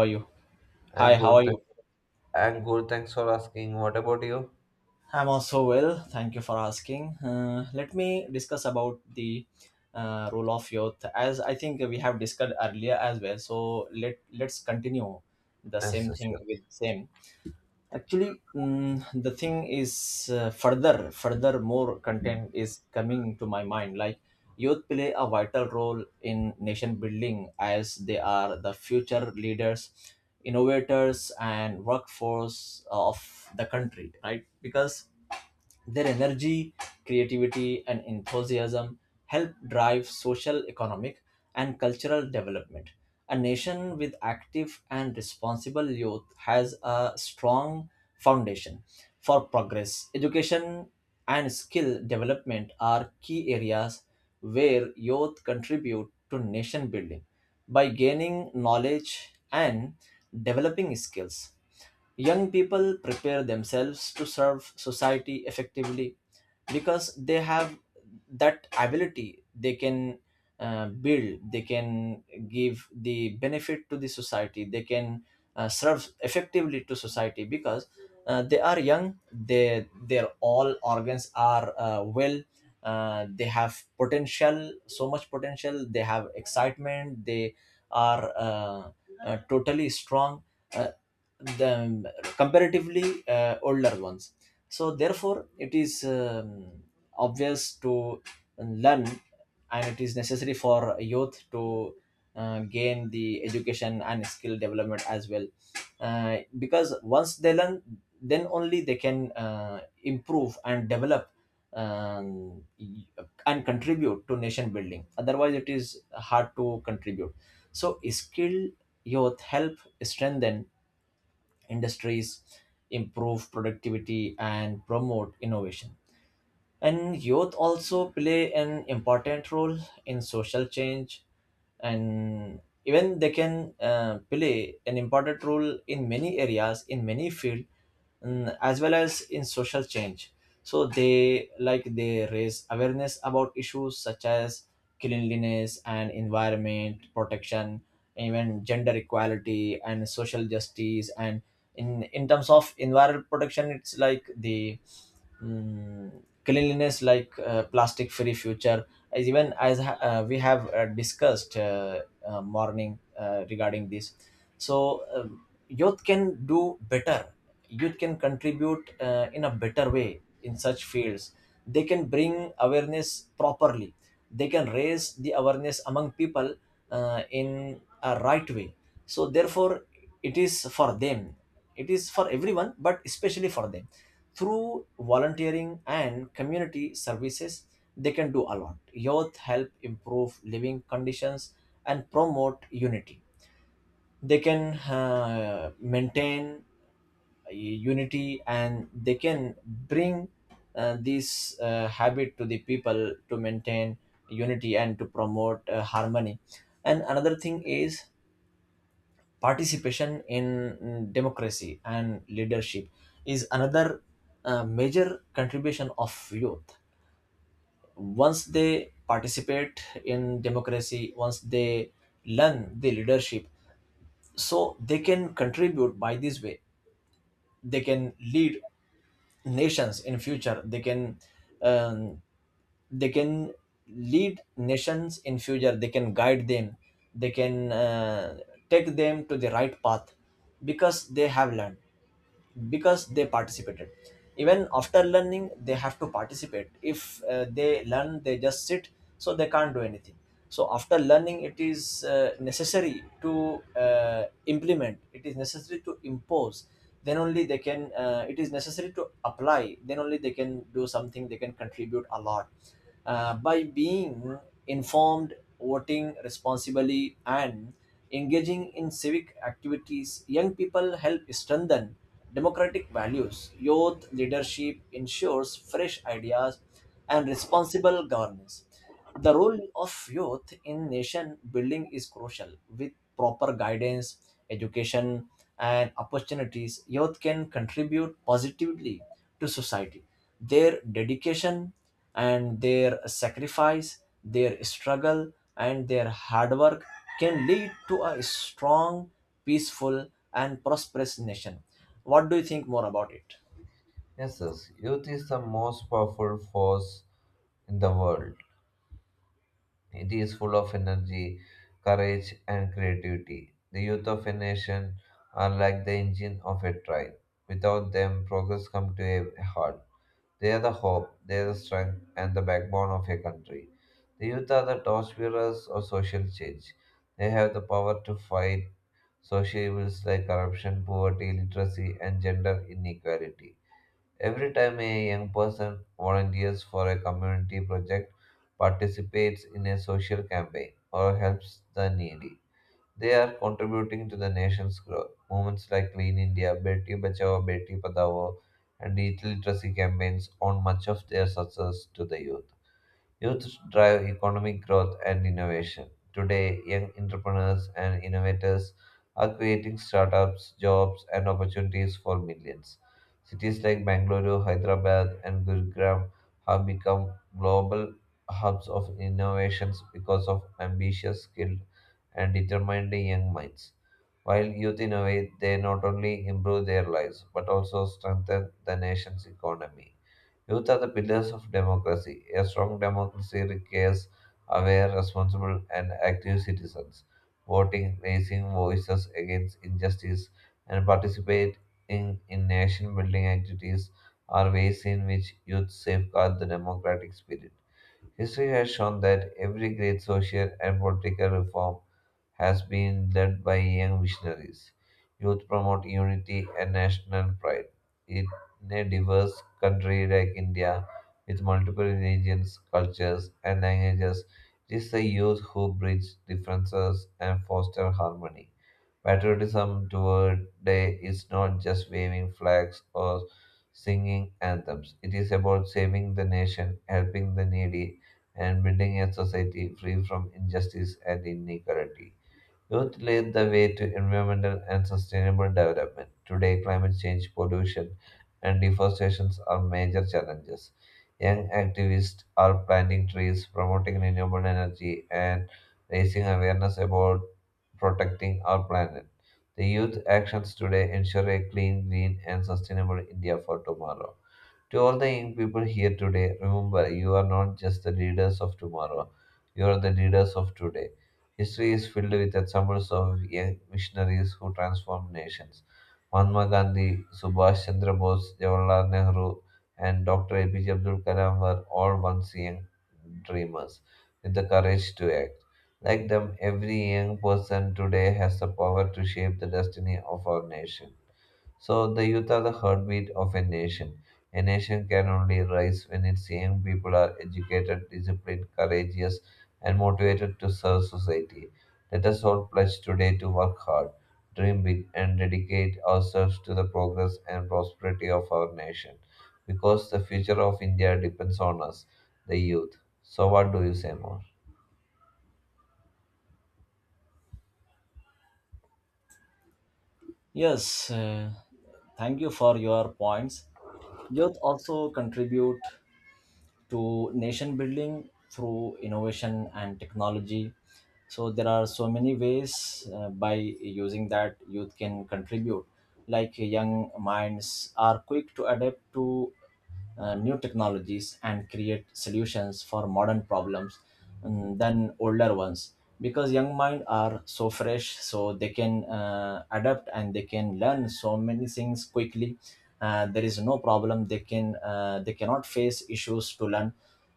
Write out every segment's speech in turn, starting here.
How are you? Hi, And how good, are you? th- and good. Thanks for asking. What about you? I'm also well. Thank you for asking. Let me discuss about the role of youth, as I think we have discussed earlier as well. So let's continue the Yes, same yes, thing sure. with same. Actually, the thing is further more content is coming to my mind, like youth play a vital role in nation building as they are the future leaders, innovators, and workforce of the country, right? Because their energy, creativity, and enthusiasm help drive social, economic, and cultural development. A nation with active and responsible youth has a strong foundation for progress. Education and skill development are key areas where youth contribute to nation building. By gaining knowledge and developing skills, young people prepare themselves to serve society effectively, because they have that ability. They can build, they can give the benefit to the society, they can serve effectively to society because they are young. They, their all organs are well, they have potential, so much potential, they have excitement, they are totally strong, uh, the comparatively older ones. So therefore, it is obvious to learn, and it is necessary for youth to gain the education and skill development as well, because once they learn, then only they can improve and develop, um, and contribute to nation building, otherwise it is hard to contribute. So skilled youth help strengthen industries, improve productivity, and promote innovation. And youth also play an important role in social change, and even they can play an important role in many areas, in many fields, as well as in social change. So they, like, they raise awareness about issues such as cleanliness and environment protection, even gender equality and social justice. And in terms of environment protection, it's like the mm, cleanliness, like plastic free future, as even as we have discussed morning regarding this. So youth can do better, youth can contribute in a better way in such fields. They can bring awareness properly, they can raise the awareness among people in a right way. So therefore, it is for them, it is for everyone but especially for them. Through volunteering and community services, they can do a lot. Youth help improve living conditions and promote unity. They can maintain unity, and they can bring this habit to the people to maintain unity and to promote harmony. And another thing is participation in democracy and leadership is another major contribution of youth. Once they participate in democracy, once they learn the leadership, so they can contribute by this way. They can lead nations in future, um, they can lead nations in future, they can guide them, they can take them to the right path, because they have learned, because they participated. Even after learning, they have to participate. If they learn, they just sit, so they can't do anything. So after learning, it is necessary to implement, it is necessary to impose, then only they can it is necessary to apply, then only they can do something, they can contribute a lot by being informed, voting responsibly, and engaging in civic activities. Young people help strengthen democratic values. Youth leadership ensures fresh ideas and responsible governance. The role of youth in nation building is crucial. With proper guidance, education, and opportunities, youth can contribute positively to society. Their dedication and their sacrifice, their struggle, and their hard work can lead to a strong, peaceful, and prosperous nation. What do you think more about it? Yes, yes. Youth is the most powerful force in the world. It is full of energy, courage, and creativity. The youth of a nation are like the engine of a train. Without them, progress comes to a halt. They are the hope, they are the strength, and the backbone of a country. The youth are the torchbearers of social change. They have the power to fight social evils like corruption, poverty, literacy, and gender inequality. Every time a young person volunteers for a community project, participates in a social campaign, or helps the needy, they are contributing to the nation's growth. Movements like Clean India, Beti Bachao, Beti Padao, and digital literacy campaigns owe much of their success to the youth. Youth drive economic growth and innovation. Today, young entrepreneurs and innovators are creating startups, jobs, and opportunities for millions. Cities like Bangalore, Hyderabad, and Gurugram have become global hubs of innovations because of ambitious, skilled, and determined young minds. While youth innovate, they not only improve their lives but also strengthen the nation's economy. Youth are the pillars of democracy. A strong democracy requires aware, responsible, and active citizens, voting, raising voices against injustice, and participating in nation building activities are ways in which youth safeguard the democratic spirit. History has shown that every great social and political reform has been led by young visionaries. Youth promote unity and national pride. In a diverse country like India, with multiple religions, cultures, and languages, it is the youth who bridge differences and foster harmony. Patriotism toward day is not just waving flags or singing anthems. It is about saving the nation, helping the needy, and building a society free from injustice and inequality. Youth lead the way to environmental and sustainable development. Today, climate change, pollution, and deforestation are major challenges. Young activists are planting trees, promoting renewable energy, and raising awareness about protecting our planet. The youth actions today ensure a clean, green, and sustainable India for tomorrow. To all the young people here today, remember you are not just the leaders of tomorrow, you are the leaders of today. History is filled with examples of young missionaries who transformed nations. Mahatma Gandhi, Subhash Chandra Bose, Jawaharlal Nehru, and Dr. APJ Abdul Kalam were all once young dreamers with the courage to act. Like them, every young person today has the power to shape the destiny of our nation. So the youth are the heartbeat of a nation. A nation can only rise when its young people are educated, disciplined, courageous, and motivated to serve society. Let us all pledge today to work hard, dream big, and dedicate ourselves to the progress and prosperity of our nation. Because the future of India depends on us, the youth. So, what do you say more? Yes, thank you for your points. Youth also contribute to nation building through innovation and technology. So there are so many ways by using that youth can contribute. Like, young minds are quick to adapt to new technologies and create solutions for modern problems, than older ones, because young mind are so fresh, so they can adapt and they can learn so many things quickly. There is no problem, they can they cannot face issues to learn,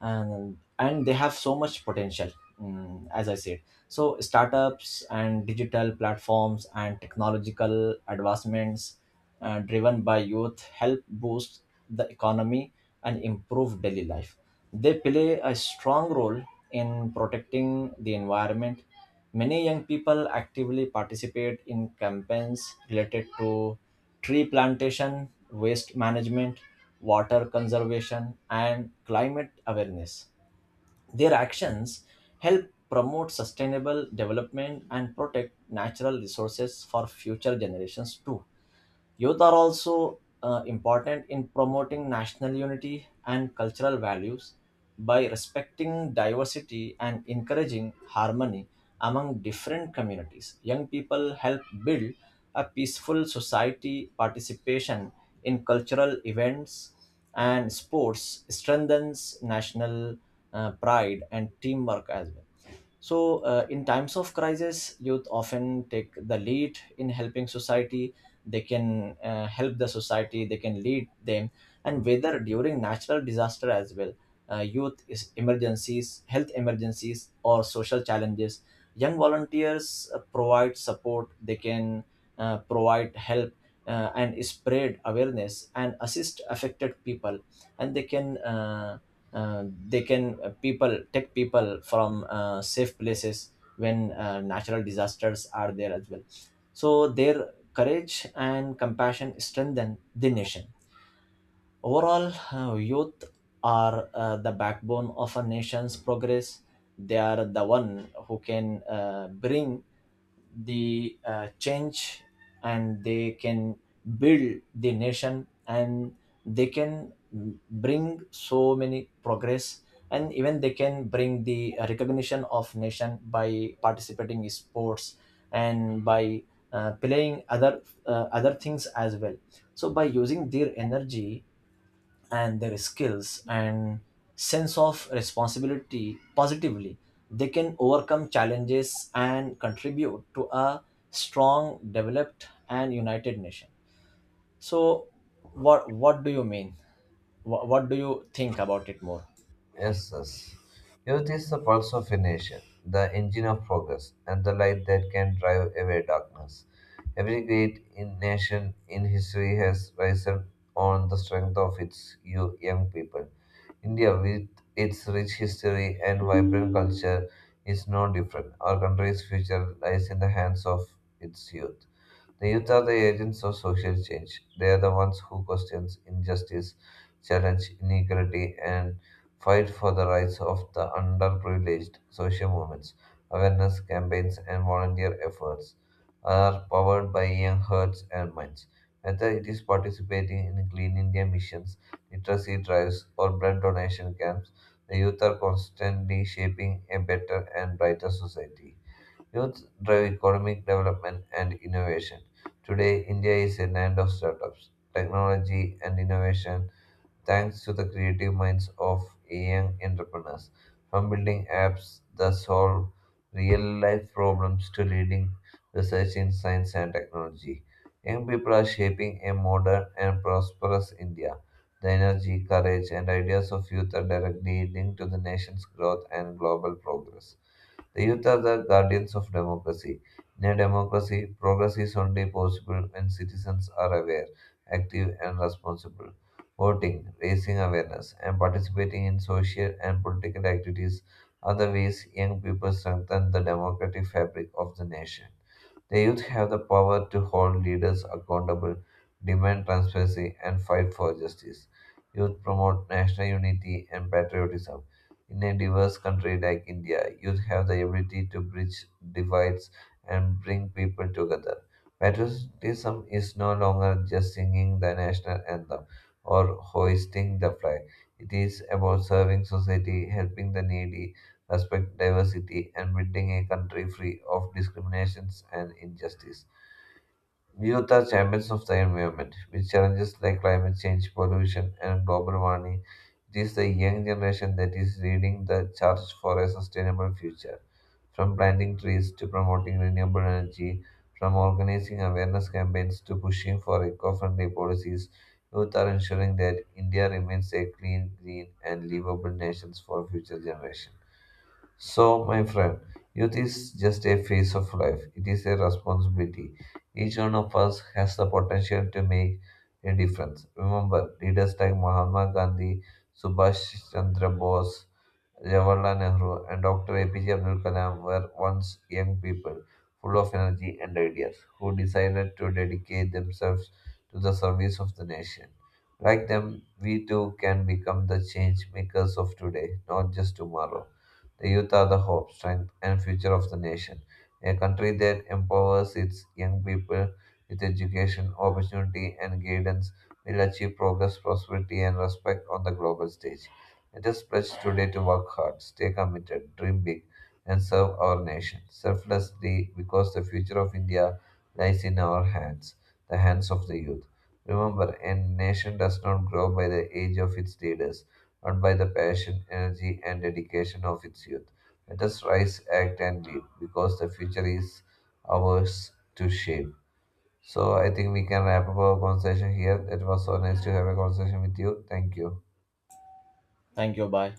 and they have so much potential, as I said. So startups and digital platforms and technological advancements driven by youth help boost the economy and improve daily life. They play a strong role in protecting the environment. Many young people actively participate in campaigns related to tree plantation, waste management, water conservation, and climate awareness. Their actions help promote sustainable development and protect natural resources for future generations too. Youth are also important in promoting national unity and cultural values. By respecting diversity and encouraging harmony among different communities, young people help build a peaceful society. Participation in cultural events and sports strengthens national pride and teamwork as well. So, in times of crisis, youth often take the lead in helping society. They can help the society, they can lead them. And whether during natural disaster as well, youth is emergencies, health emergencies, or social challenges, young volunteers provide support, they can provide help. And spread awareness and assist affected people, and they can people, take people from safe places when natural disasters are there as well. So their courage and compassion strengthen the nation. Overall, youth are the backbone of a nation's progress. They are the one who can bring the change, and they can build the nation, and they can bring so many progress, and even they can bring the recognition of nation by participating in sports and by playing other other things as well. So by using their energy and their skills and sense of responsibility positively, they can overcome challenges and contribute to a strong, developed, and united nation. So, what do you mean? What do you think about it more? Yes, yes. Youth is the pulse of a nation, the engine of progress, and the light that can drive away darkness. Every great in nation in history has risen on the strength of its young people. India, with its rich history and vibrant culture, is no different. Our country's future lies in the hands of its youth. The youth are the agents of social change. They are the ones who question injustice, challenge inequality, and fight for the rights of the underprivileged. Social movements, awareness campaigns, and volunteer efforts are powered by young hearts and minds. Whether it is participating in Clean India missions, literacy drives, or blood donation camps, the youth are constantly shaping a better and brighter society. Youth drive economic development and innovation. Today, India is a land of startups, technology, and innovation thanks to the creative minds of young entrepreneurs. From building apps that solve real life problems to leading research in science and technology, young people are shaping a modern and prosperous India. The energy, courage, and ideas of youth are directly linked to the nation's growth and global progress. The youth are the guardians of democracy. In a democracy, progress is only possible when citizens are aware, active, and responsible. Voting, raising awareness, and participating in social and political activities are the ways young people strengthen the democratic fabric of the nation. The youth have the power to hold leaders accountable, demand transparency, and fight for justice. Youth promote national unity and patriotism. In a diverse country like India, youth have the ability to bridge divides and bring people together. Patriotism is no longer just singing the national anthem or hoisting the flag. It is about serving society, helping the needy, respect diversity, and building a country free of discriminations and injustice. Youth are champions of the environment. With challenges like climate change, pollution, and global warming, it is the young generation that is leading the charge for a sustainable future. From planting trees to promoting renewable energy, from organizing awareness campaigns to pushing for eco friendly policies, youth are ensuring that India remains a clean, green, and livable nation for future generations. So, my friend, youth is just a phase of life, it is a responsibility. Each one of us has the potential to make a difference. Remember, leaders like Mahatma Gandhi, Subhash Chandra Bose, Jawaharlal Nehru and Dr. APJ Abdul Kalam were once young people, full of energy and ideas, who decided to dedicate themselves to the service of the nation. Like them, we too can become the change makers of today, not just tomorrow. The youth are the hope, strength, and future of the nation. A country that empowers its young people with education, opportunity, and guidance will achieve progress, prosperity, and respect on the global stage. Let us pledge today to work hard, stay committed, dream big, and serve our nation selflessly because the future of India lies in our hands, the hands of the youth. Remember, a nation does not grow by the age of its leaders, but by the passion, energy, and dedication of its youth. Let us rise, act, and lead because the future is ours to shape. So, I think we can wrap up our conversation here. It was so nice to have a conversation with you. Thank you. Thank you. Bye.